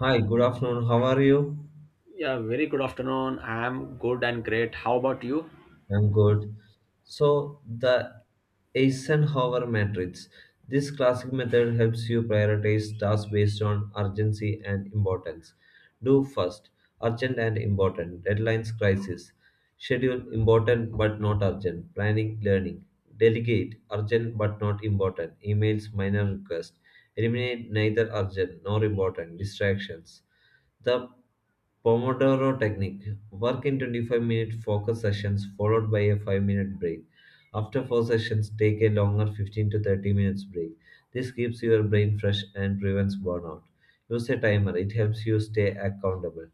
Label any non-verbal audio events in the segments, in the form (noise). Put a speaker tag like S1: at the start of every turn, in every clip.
S1: Hi, good afternoon. How are you?
S2: Yeah, very good afternoon. I am good and great. How about you?
S1: I'm good. So, the Eisenhower matrix. This classic method helps you prioritize tasks based on urgency and importance. Do first, urgent and important, deadlines, crisis. Schedule, important but not urgent, planning, learning. Delegate, urgent but not important, emails, minor requests. Eliminate neither urgent nor important, distractions. The Pomodoro technique. Work in 25-minute focus sessions followed by a 5-minute break. After 4 sessions, take a longer 15 to 30 minutes break. This keeps your brain fresh and prevents burnout. Use a timer, it helps you stay accountable.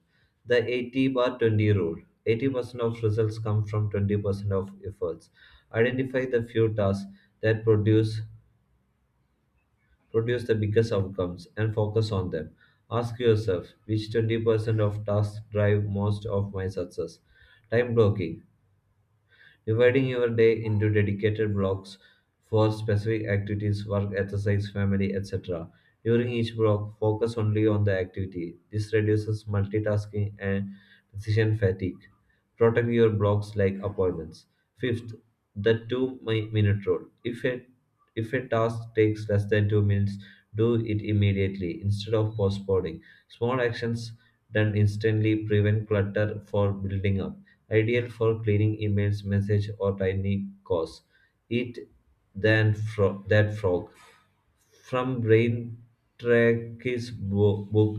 S1: The 80 bar 20 rule 80% of results come from 20% of efforts. Identify the few tasks that produce the biggest outcomes and focus on them. Ask yourself which 20% of tasks drive most of my success. Time blocking, dividing your day into dedicated blocks for specific activities, work, exercise, family, etc. During each block, focus only on the activity. This reduces multitasking and decision fatigue. Protect your blocks like appointments. Fifth, the two minute rule. If a task takes less than 2 minutes, do it immediately instead of postponing. Small actions done instantly prevent clutter for building up. Ideal for cleaning emails, message, or tiny calls. Eat that frog. From Brain Track's book,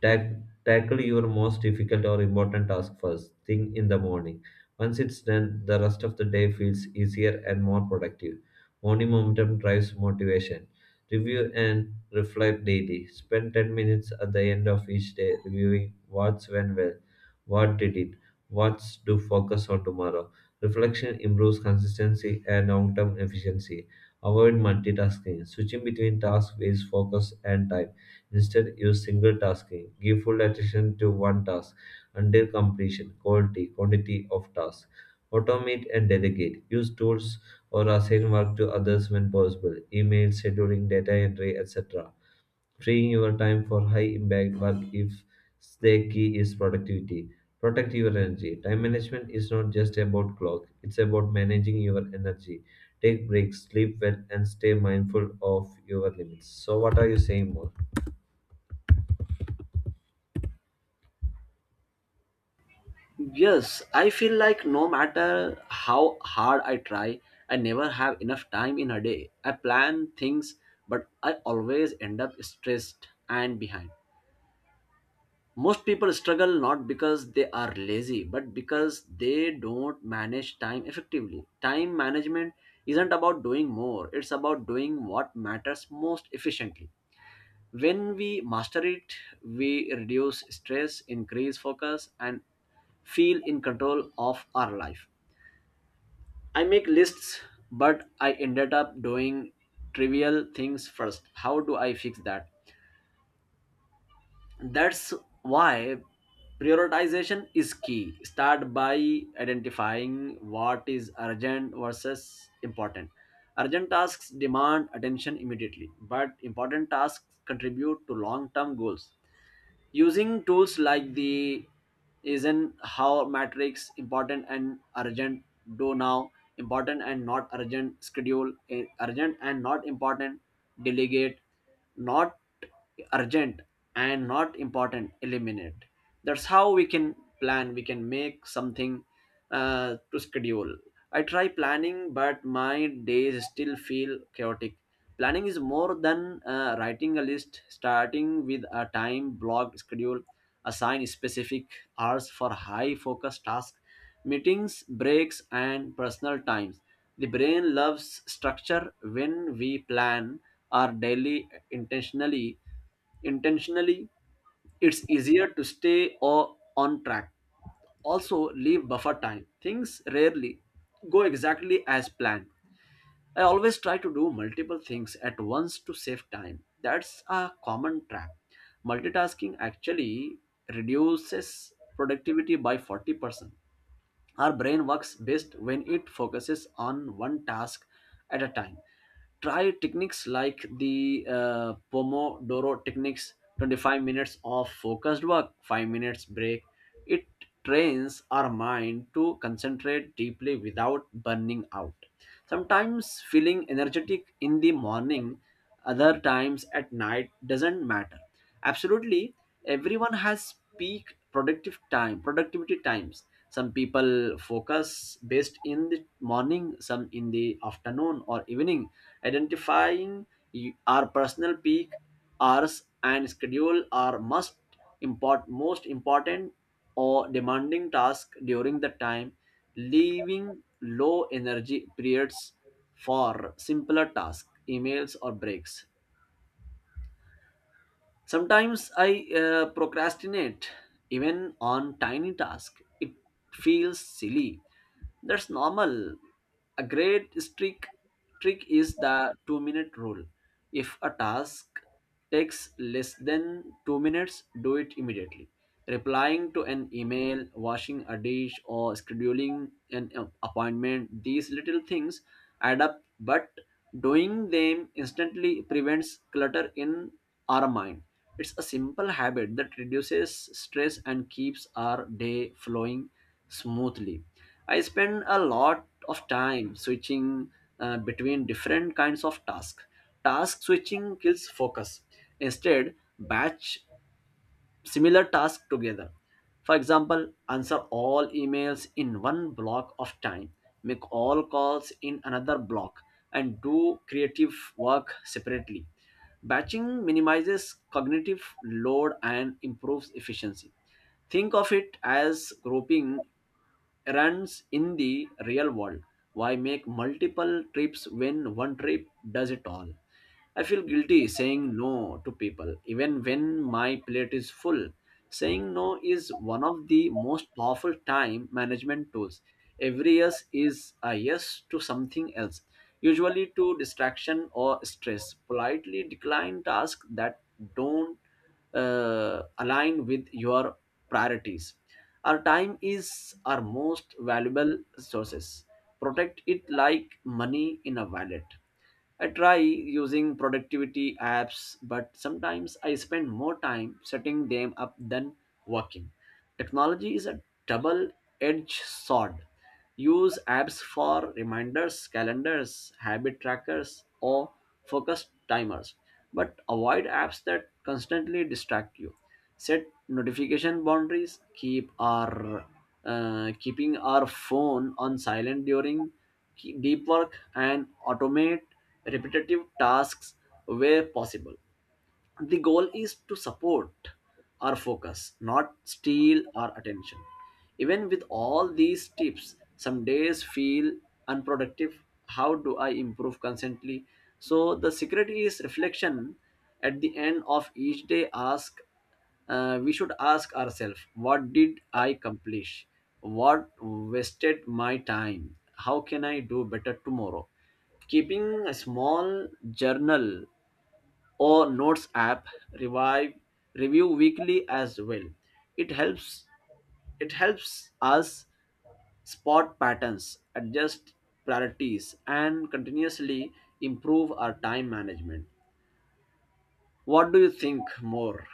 S1: tack- tackle your most difficult or important task first thing in the morning. Once it's done, the rest of the day feels easier and more productive. Only momentum drives motivation. Review and reflect daily. Spend 10 minutes at the end of each day reviewing what's went well, what didn't, what's to focus on tomorrow. Reflection improves consistency and long term efficiency. Avoid multitasking. Switching between tasks wastes focus and time. Instead, use single tasking. Give full attention to one task until completion, quality, quantity of tasks. Automate and delegate. Use tools or assign work to others when possible, email, scheduling, data entry, etc. Freeing your time for high impact work, if the key is productivity. Protect your energy. Time management is not just about clock, it's about managing your energy. Take breaks, sleep well, and stay mindful of your limits. So, what are you saying more?
S2: Yes, I feel like no matter how hard I try, I never have enough time in a day. I plan things, but I always end up stressed and behind. Most people struggle not because they are lazy, but because they don't manage time effectively. Time management isn't about doing more, it's about doing what matters most efficiently. When we master it, we reduce stress, increase focus, and feel in control of our life. I make lists, but I ended up doing trivial things first. How do I fix that? That's why prioritization is key. Start by identifying what is urgent versus important. Urgent tasks demand attention immediately, but important tasks contribute to long term goals. Using tools like the isn't how matrix: important and urgent, do now; important and not urgent, schedule; urgent and not important, delegate; not urgent and not important, eliminate. That's how we can plan, we can make something to schedule. I try planning but my days still feel chaotic. Planning is more than writing a list, starting with a time block schedule, assign specific hours for high focus tasks, meetings, breaks, and personal times. The brain loves structure when we plan our daily intentionally. Intentionally, it's easier to stay or on track, also leave buffer time. Things rarely go exactly as planned. I always try to do multiple things at once to save time. That's a common trap. Multitasking actually reduces productivity by 40%. Our brain works best when it focuses on one task at a time. Try techniques like the Pomodoro techniques, 25 minutes of focused work, 5 minutes break. It trains our mind to concentrate deeply without burning out. Sometimes feeling energetic in the morning, other times at night, doesn't matter. Absolutely, everyone has peak productivity times. Some people focus best in the morning, some in the afternoon or evening. Identifying our personal peak hours and schedule are must, most important or demanding task during the time, leaving low energy periods for simpler tasks, emails or breaks. Sometimes I procrastinate even on tiny tasks. It feels silly. That's normal. A great trick is the 2-minute rule. If a task takes less than 2 minutes, do it immediately. Replying to an email, washing a dish or scheduling an appointment, these little things add up, but doing them instantly prevents clutter in our mind. It's a simple habit that reduces stress and keeps our day flowing smoothly. I spend a lot of time switching between different kinds of tasks. Task switching kills focus. Instead, batch similar tasks together. For example, answer all emails in one block of time, make all calls in another block, and do creative work separately. Batching minimizes cognitive load and improves efficiency. Think of it as groping errands in the real world. Why make multiple trips when one trip does it all? I feel guilty saying no to people, even when my plate is full. Saying no is one of the most powerful time management tools. Every yes is a yes to something else, usually to distraction or stress. Politely decline tasks that don't align with your priorities. Our time is our most valuable resources. Protect it like money in a wallet. I try using productivity apps, but sometimes I spend more time setting them up than working. Technology is a double edged sword. Use apps for reminders, calendars, habit trackers, or focus timers, but avoid apps that constantly distract you. Set notification boundaries. Keeping our phone on silent during deep work, and automate repetitive tasks where possible. The goal is to support our focus, not steal our attention. Even with all these tips, some days feel unproductive. How do I improve constantly? So the secret is reflection. At the end of each day, ask we should ask ourselves: what did I accomplish, what wasted my time, how can I do better tomorrow? Keeping a small journal or Notes app, revive review weekly as well. It helps it helps us spot patterns, adjust priorities, and continuously improve our time management. What do you think more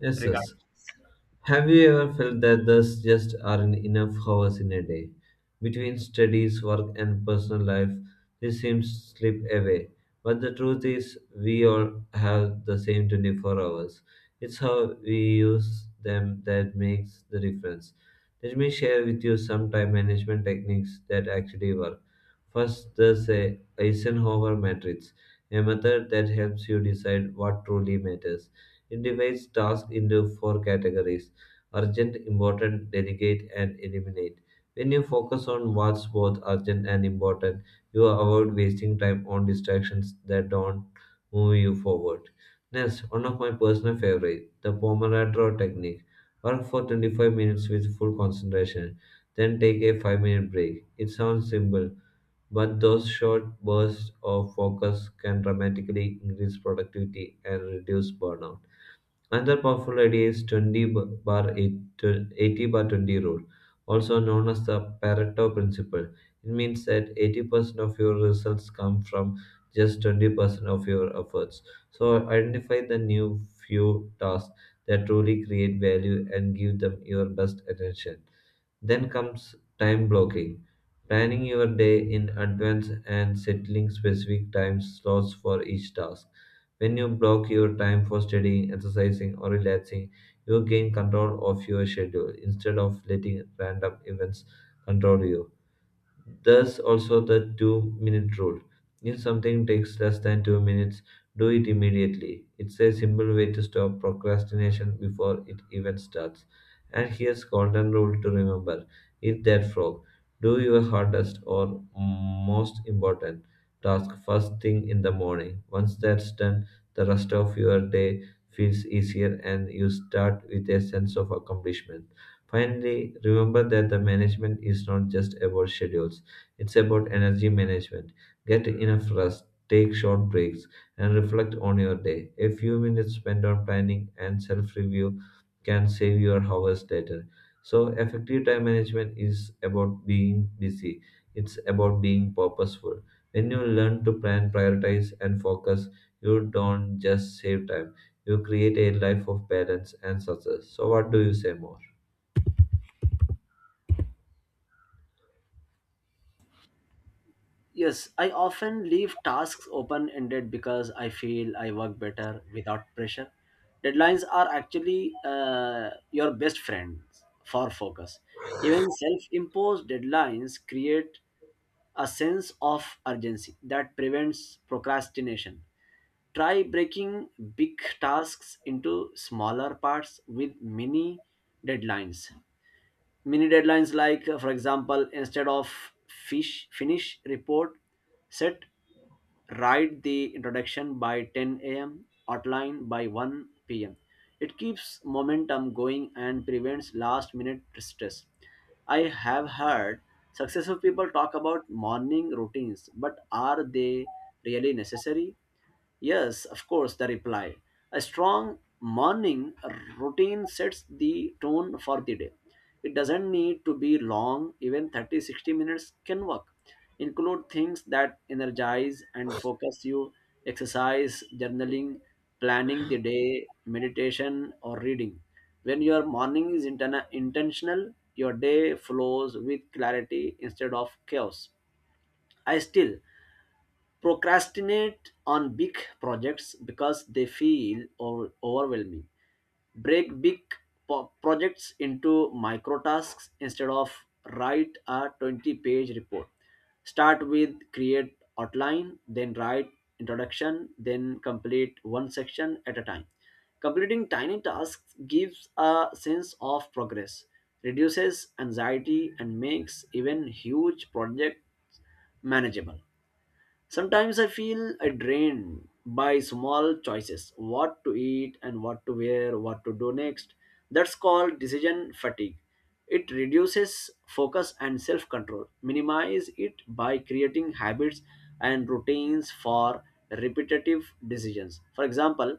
S1: Yes,
S2: regarding?
S1: yes. Have you ever felt that there's just aren't enough hours in a day? Between studies, work, and personal life, this seems to slip away. But the truth is, we all have the same 24 hours. It's how we use them that makes the difference. Let me share with you some time management techniques that actually work. First, there's a Eisenhower matrix, a method that helps you decide what truly matters. It divides tasks into four categories: urgent, important, delegate, and eliminate. When you focus on what's both urgent and important, you avoid wasting time on distractions that don't move you forward. Next, one of my personal favorite, the Pomodoro technique. Work for 25 minutes with full concentration, then take a 5-minute break. It sounds simple, but those short bursts of focus can dramatically increase productivity and reduce burnout. Another powerful idea is 20 b- bar 80 bar 20 rule, also known as the Pareto principle. It means that 80% of your results come from just 20% of your efforts. So identify the new few tasks that truly create value and give them your best attention. Then comes time blocking. Planning your day in advance and settling specific time slots for each task. When you block your time for studying, exercising, or relaxing, you gain control of your schedule instead of letting random events control you. Thus, also the 2 minute rule. If something takes less than 2 minutes, do it immediately. It's a simple way to stop procrastination before it even starts. And here's golden rule to remember. Eat that frog. Do your hardest or most important task first thing in the morning. Once that's done, the rest of your day feels easier and you start with a sense of accomplishment. Finally, remember that the management is not just about schedules, it's about energy management. Get enough rest, take short breaks, and reflect on your day. A few minutes spent on planning and self review can save your hours later. So, effective time management is about being busy, it's about being purposeful. When you learn to plan, prioritize, and focus, you don't just save time, you create a life of balance and success. So, what do you say more?
S2: Yes, I often leave tasks open ended because I feel I work better without pressure. Deadlines are actually your best friends for focus. Even self imposed deadlines create a sense of urgency that prevents procrastination. Try breaking big tasks into smaller parts with deadlines mini deadlines like for example, instead of fish finish report, set write the introduction by 10 a.m., outline by 1 p.m. It keeps momentum going and prevents last minute stress. I have heard successful people talk about morning routines, but are they really necessary? Yes, of course, the reply. A strong morning routine sets the tone for the day. It doesn't need to be long, even 30 60 minutes can work. Include things that energize and focus you: exercise, journaling, planning the day, meditation, or reading. When your morning is intentional, your day flows with clarity instead of chaos. I still procrastinate on big projects because they feel overwhelming. Break big projects into micro tasks. Instead of write a 20-page report, start with create outline, then write introduction, then complete one section at a time. Completing tiny tasks gives a sense of progress, reduces anxiety, and makes even huge projects manageable. Sometimes I feel I drained by small choices: what to eat and what to wear, what to do next. That's called decision fatigue. It reduces focus and self control. Minimize it by creating habits and routines for repetitive decisions. For example,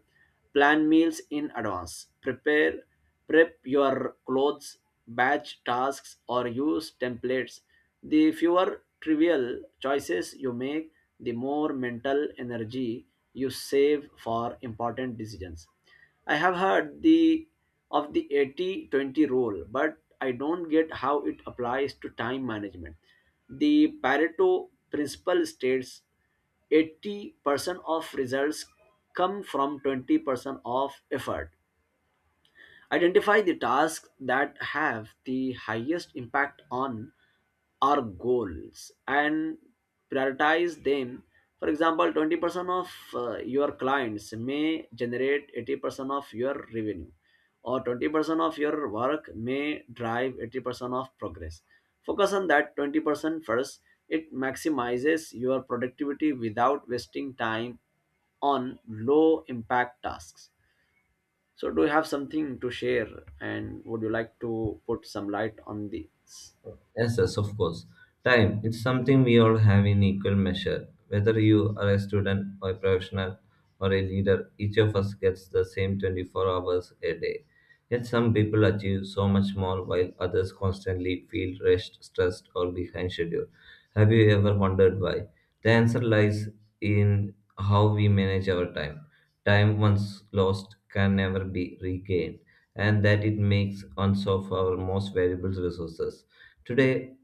S2: plan meals in advance. Prep your clothes, batch tasks or use templates. The fewer trivial choices you make, the more mental energy you save for important decisions. I have heard the of the 80-20 rule, but I don't get how it applies to time management. The Pareto principle states 80% of results come from 20% of effort. Identify the tasks that have the highest impact on our goals and prioritize them. For example, 20% of your clients may generate 80% of your revenue, or 20% of your work may drive 80% of progress. Focus on that 20% first. It maximizes your productivity without wasting time on low impact tasks. So do you have something to share, and would you like to put some light on these?
S1: Yes, yes, of course. Time, it's something we all have in equal measure. Whether you are a student or a professional or a leader, each of us gets the same 24 hours a day. Yet some people achieve so much more while others constantly feel rushed, stressed, or behind schedule. Have you ever wondered why? The answer lies in how we manage our time. Time once lost can never be regained, and that it makes use of our most valuable resources. Today,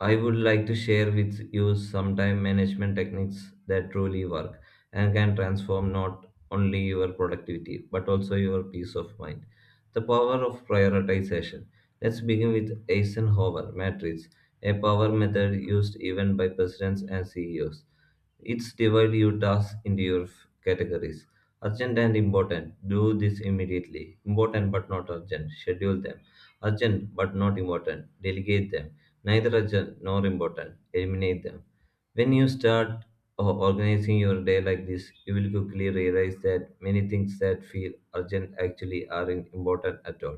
S1: I would like to share with you some time management techniques that truly work and can transform not only your productivity but also your peace of mind. The power of prioritization. Let's begin with Eisenhower matrix, a power method used even by presidents and CEOs. It's divide your tasks into your categories. Urgent and important, do this immediately. Important but not urgent, schedule them. Urgent but not important, delegate them. Neither urgent nor important, eliminate them. When you start organizing your day like this, you will quickly realize that many things that feel urgent actually aren't important at all.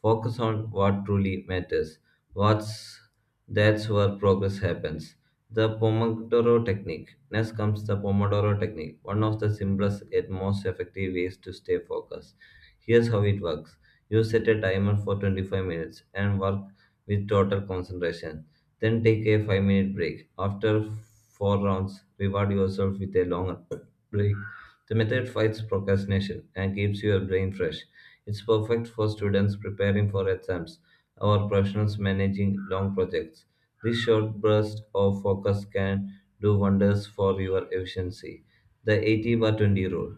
S1: Focus on what truly matters. What's that's where progress happens. The Pomodoro technique. Next comes the Pomodoro technique, one of the simplest yet most effective ways to stay focused. Here's how it works. You set a timer for 25 minutes and work with total concentration. Then take a 5-minute break. After 4 rounds, reward yourself with a longer (clears throat) break. The method fights procrastination and keeps your brain fresh. It's perfect for students preparing for exams or professionals managing long projects. This short burst of focus can do wonders for your efficiency. The 80 by 20 rule.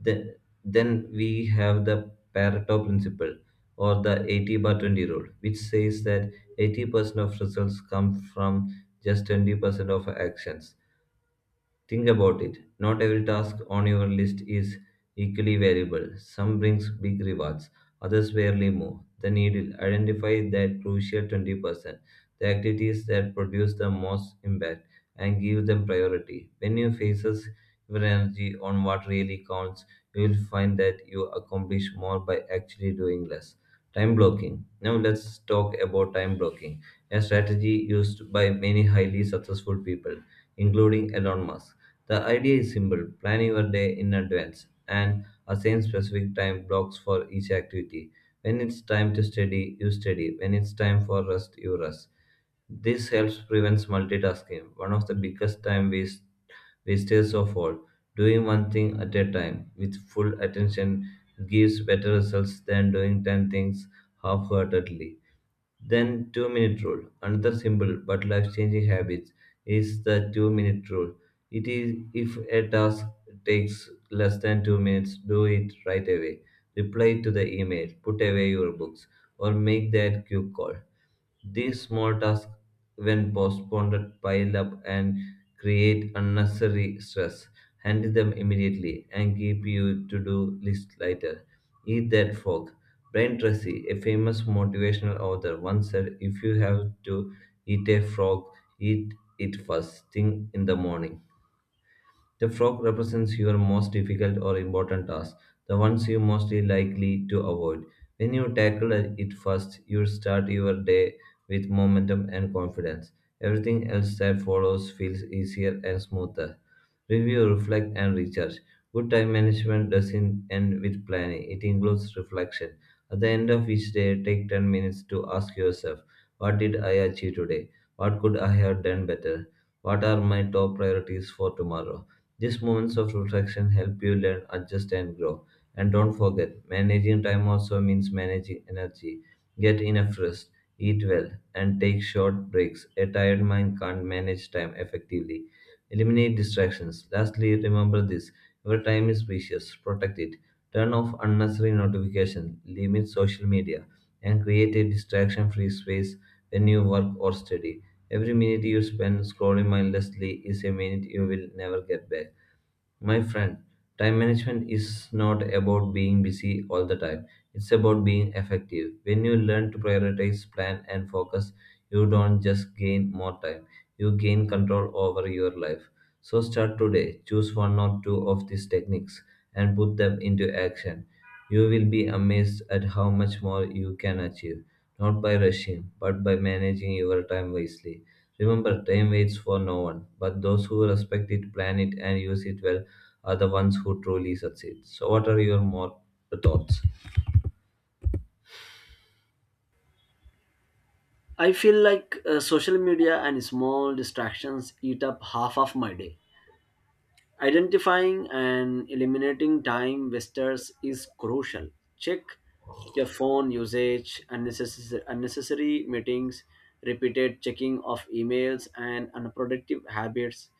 S1: Then, then, we have the Pareto principle or the 80 by 20 rule, which says that 80% of results come from just 20% of actions. Think about it. Not every task on your list is equally valuable. Some brings big rewards, others barely move the needle. Identify that crucial 20%, the activities that produce the most impact, and give them priority. When you focus your energy on what really counts, you will find that you accomplish more by actually doing less. Time blocking. Now let's talk about time blocking, a strategy used by many highly successful people including Elon Musk. The idea is simple: plan your day in advance and assign specific time blocks for each activity. When it's time to study, you study. When it's time for rest, you rest. This helps prevents multitasking, one of the biggest wasters of all. Doing one thing at a time with full attention gives better results than doing 10 things half heartedly. Then, 2 minute rule. Another simple but life changing habit is the 2 minute rule. It is, if a task takes less than 2 minutes, do it right away. Reply to the email, put away your books, or make that quick call. These small tasks, when postponed, pile up and create unnecessary stress. Handle them immediately and keep your to do list lighter. Eat that frog. Brian Tracy, a famous motivational author, once said if you have to eat a frog, eat it first thing in the morning. The frog represents your most difficult or important tasks, the ones you mostly likely to avoid. When you tackle it first, you start your day with momentum and confidence. Everything else that follows feels easier and smoother. Review, reflect, and recharge. Good time management doesn't end with planning, it includes reflection. At the end of each day, take 10 minutes to ask yourself: what did I achieve today? What could I have done better? What are my top priorities for tomorrow? These moments of reflection help you learn, adjust, and grow. And don't forget, managing time also means managing energy. Get enough rest, eat well, and take short breaks. A tired mind can't manage time effectively. Eliminate distractions. Lastly, remember this: your time is precious. Protect it. Turn off unnecessary notifications, limit social media, and create a distraction free space when you work or study. Every minute you spend scrolling mindlessly is a minute you will never get back. My friend, time management is not about being busy all the time. It's about being effective. When you learn to prioritize, plan, and focus, you don't just gain more time, you gain control over your life. So start today. Choose one or two of these techniques and put them into action. You will be amazed at how much more you can achieve, not by rushing, but by managing your time wisely. Remember, time waits for no one, but those who respect it, plan it, and use it well are the ones who truly succeed. So, what are your more thoughts?
S2: I feel like social media and small distractions eat up half of my day. Identifying and eliminating time wasters is crucial. Check your phone usage, unnecessary meetings, repeated checking of emails, and unproductive habits.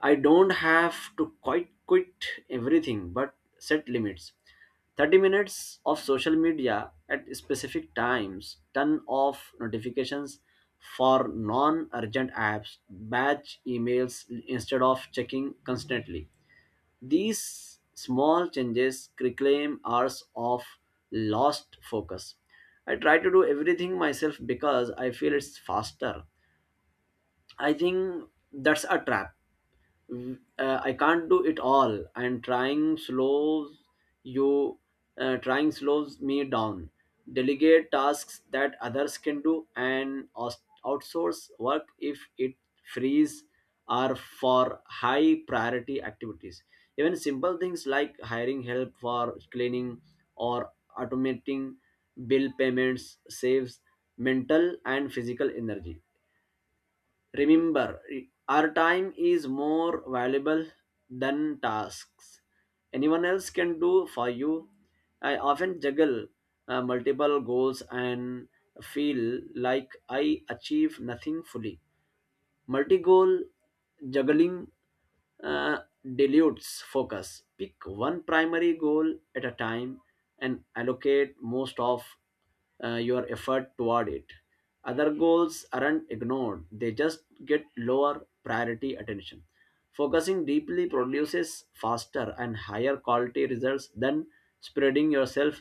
S2: I don't have to quit everything, but set limits. 30 minutes of social media at specific times, turn off notifications for non urgent apps, batch emails instead of checking constantly. These small changes reclaim hours of lost focus. I try to do everything myself because I feel it's faster. I think that's a trap. I can't do it all, and you, trying slows me down. Delegate tasks that others can do and outsource work if it frees are for high priority activities. Even simple things like hiring help for cleaning or automating bill payments saves mental and physical energy. Remember, our time is more valuable than tasks anyone else can do for you. I often juggle multiple goals and feel like I achieve nothing fully. Multi goal juggling uh, dilutes focus. Pick one primary goal at a time and allocate most of your effort toward it. Other goals aren't ignored, they just get lower priority attention. Focusing deeply produces faster and higher quality results than spreading yourself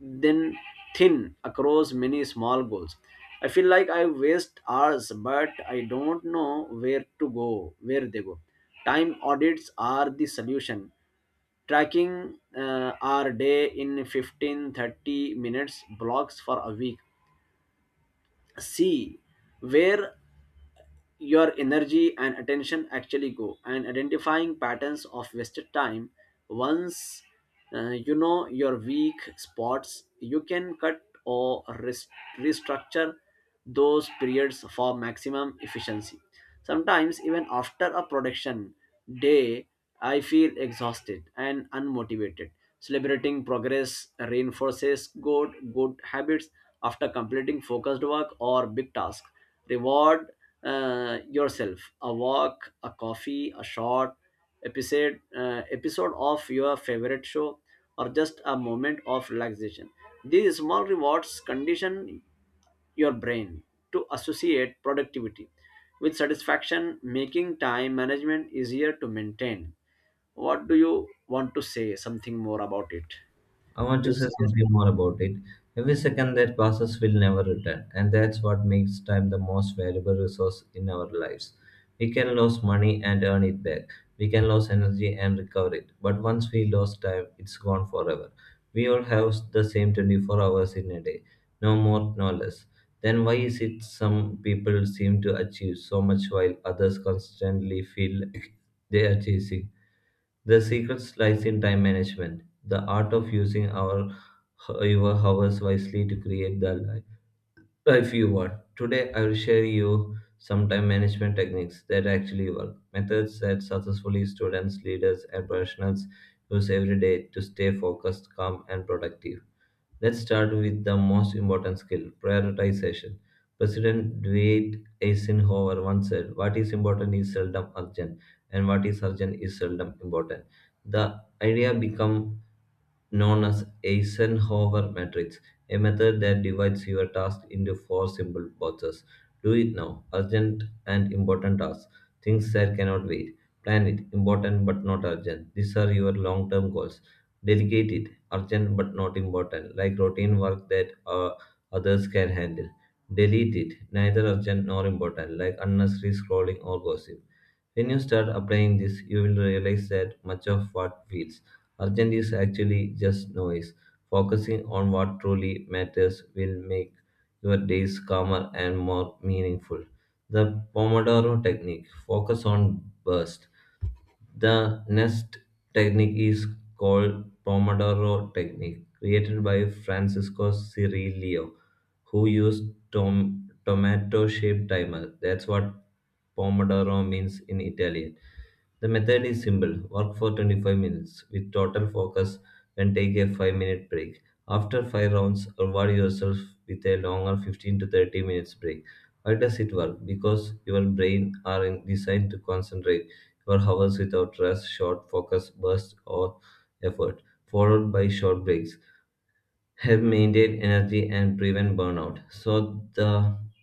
S2: then thin across many small goals. I feel like I waste hours, but I don't know where they go. Time audits are the solution. Tracking our day in 15 30 minutes blocks for a week. See where your energy and attention actually go, and identifying patterns of wasted time. Once you know your weak spots, you can cut or restructure those periods for maximum efficiency. Sometimes, even after a production day, I feel exhausted and unmotivated. Celebrating progress reinforces good habits after completing focused work or big task. Reward yourself: a walk, a coffee, a short episode of your favorite show, or just a moment of relaxation. These small rewards condition your brain to associate productivity with satisfaction, making time management easier to maintain. What do you want to say something more about it?
S1: I want
S2: Do
S1: to
S2: you
S1: say
S2: suggest?
S1: something more about it. Every second that passes will never return, and that's what makes time the most valuable resource in our lives. We can lose money and earn it back. We can lose energy and recover it. But once we lose time, it's gone forever. We all have the same 24 hours in a day, no more, no less. Then why is it some people seem to achieve so much while others constantly feel like they are chasing? The secret lies in time management, the art of using our your hours wisely to create the life you want. Today, I will share you some time management techniques that actually work, methods that successfully students, leaders, and professionals use every day to stay focused, calm, and productive. Let's start with the most important skill, prioritization. President Dwight Eisenhower once said, "What is important is seldom urgent, and what is urgent is seldom important." The idea become known as Eisenhower matrix, a method that divides your task into four simple boxes. Do it now, urgent and important tasks, things that cannot wait. Plan it, important but not urgent. These are your long term goals. Delegate it, urgent but not important, like routine work that others can handle. Delete it, neither urgent nor important, like unnecessary scrolling or gossip. When you start applying this, you will realize that much of what feels urgent is actually just noise. Focusing on what truly matters will make your days calmer and more meaningful. The Pomodoro technique, focus on bursts. The next technique is called Pomodoro technique, created by Francisco Cirillo, who used tomato-shaped timer. That's what Pomodoro means in Italian. The method is simple, work for 25 minutes with total focus, then take a 5-minute break. After 5 rounds, reward yourself with a longer 15 to 30 minutes break. Why does it work? Because your designed to concentrate or hours without rest, short focus bursts or effort, followed by short breaks help maintain energy and prevent burnout. So the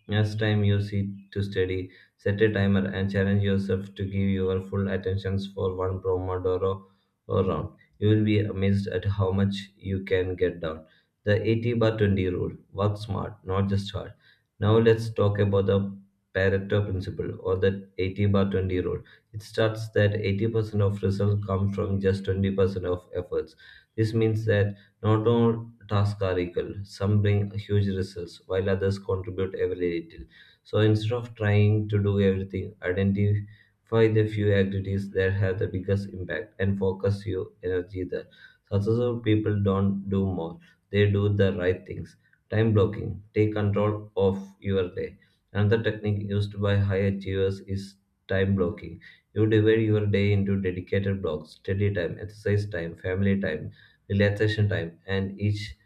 S1: next time you sit to study, set a timer and challenge yourself to give your full attentions for one Pomodoro or round. You will be amazed at how much you can get done. The 80 by 20 rule. Work smart, not just hard. Now let's talk about the Pareto principle or the 80 by 20 rule. It starts that 80% of results come from just 20% of efforts. This means that not all tasks are equal. Some bring huge results, while others contribute every little. So instead of trying to do everything, identify the few activities that have the biggest impact and focus your energy there. Successful people don't do more, they do the right things. Time blocking, take control of your day. Another technique used by high achievers is time blocking. You divide your day into dedicated blocks, study time, exercise time, family time, relaxation time, and each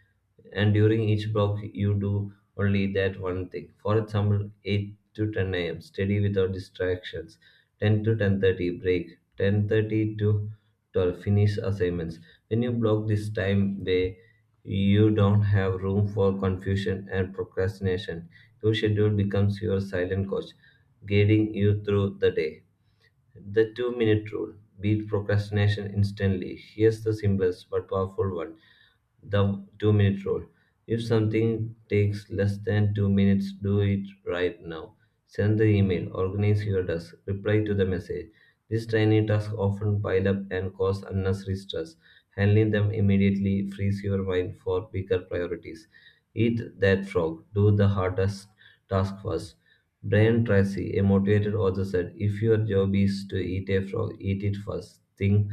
S1: and during each block you do only that one thing. For example, 8 to 10 a.m. study without distractions, 10 to 10:30 break, 10:30 to 12 finish assignments. When you block this time way, you don't have room for confusion and procrastination. Your schedule becomes your silent coach, guiding you through the day. The 2 minute rule, beat procrastination instantly. Here's the simplest but powerful one, the 2 minute rule. If something takes less than 2 minutes, do it right now. Send the email, organize your desk, reply to the message. These tiny tasks often pile up and cause unnecessary stress. Handling them immediately frees your mind for bigger priorities. Eat that frog, do the hardest task first. Brian Tracy, a motivated author, said, "If your job is to eat a frog, eat it first thing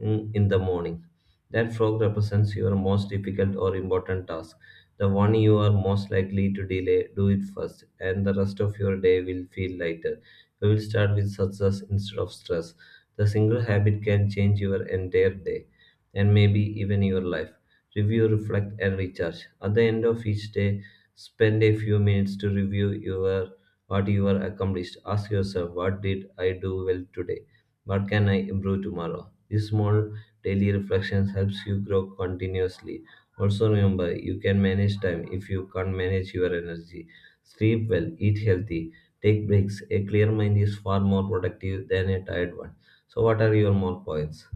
S1: in the morning." That frog represents your most difficult or important task, the one you are most likely to delay. Do it first, and the rest of your day will feel lighter. You will start with success instead of stress. The single habit can change your entire day and maybe even your life. Review, reflect, and recharge. At the end of each day, spend a few minutes to review your what you are accomplished. Ask yourself, what did I do well today? What can I improve tomorrow? These small daily reflections helps you grow continuously. Also remember, you can manage time if you can't manage your energy. Sleep well, eat healthy, take breaks. A clear mind is far more productive than a tired one. So what are your more points?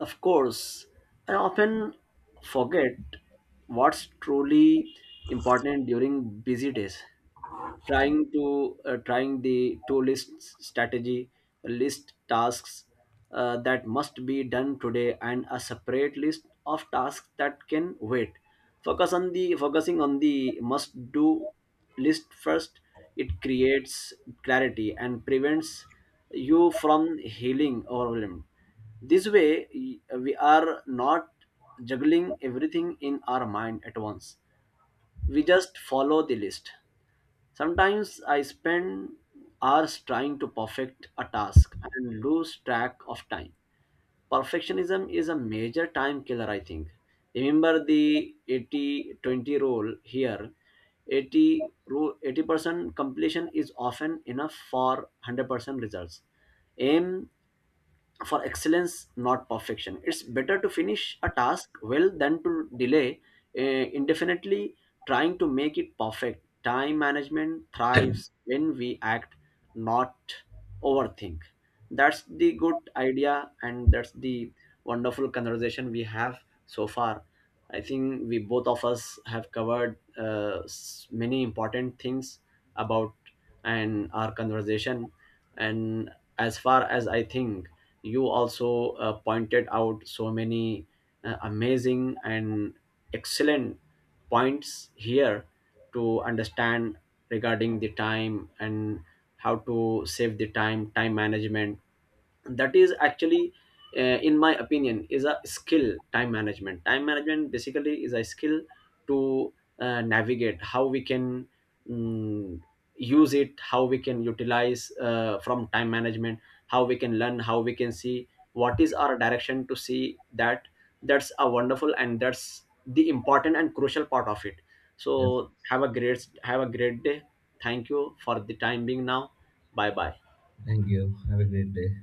S2: Of course, I often forget what's truly important during busy days. Trying the to list strategy, list tasks that must be done today, and a separate list of tasks that can wait. Focusing on the must do list first. It creates clarity and prevents you from healing overwhelmed. This way, we are not juggling everything in our mind at once, we just follow the list. Sometimes I spend hours trying to perfect a task and lose track of time. Perfectionism is a major time killer, I think. Remember the 80-20 rule here, 80 rule, 80% completion is often enough for 100% results. Aim for excellence, not perfection. It's better to finish a task well than to delay uh, indefinitely trying to make it perfect. Time management thrives when we act, not overthink. That's the good idea, and that's the wonderful conversation we have so far. I think we both of us have covered many important things about, and our conversation, and as far as I think, you also pointed out so many amazing and excellent points here to understand regarding the time, and how to save the time. Time management that is actually, uh, in my opinion, is a skill. Time management basically is a skill to navigate how we can mm, use it, how we can utilize from time management, how we can learn, how we can see what is our direction to see that. That's a wonderful, and that's the important and crucial part of it.
S1: Yes.
S2: So have a great day. Thank you for the time being now. Bye bye.
S1: Thank you. Have a great day.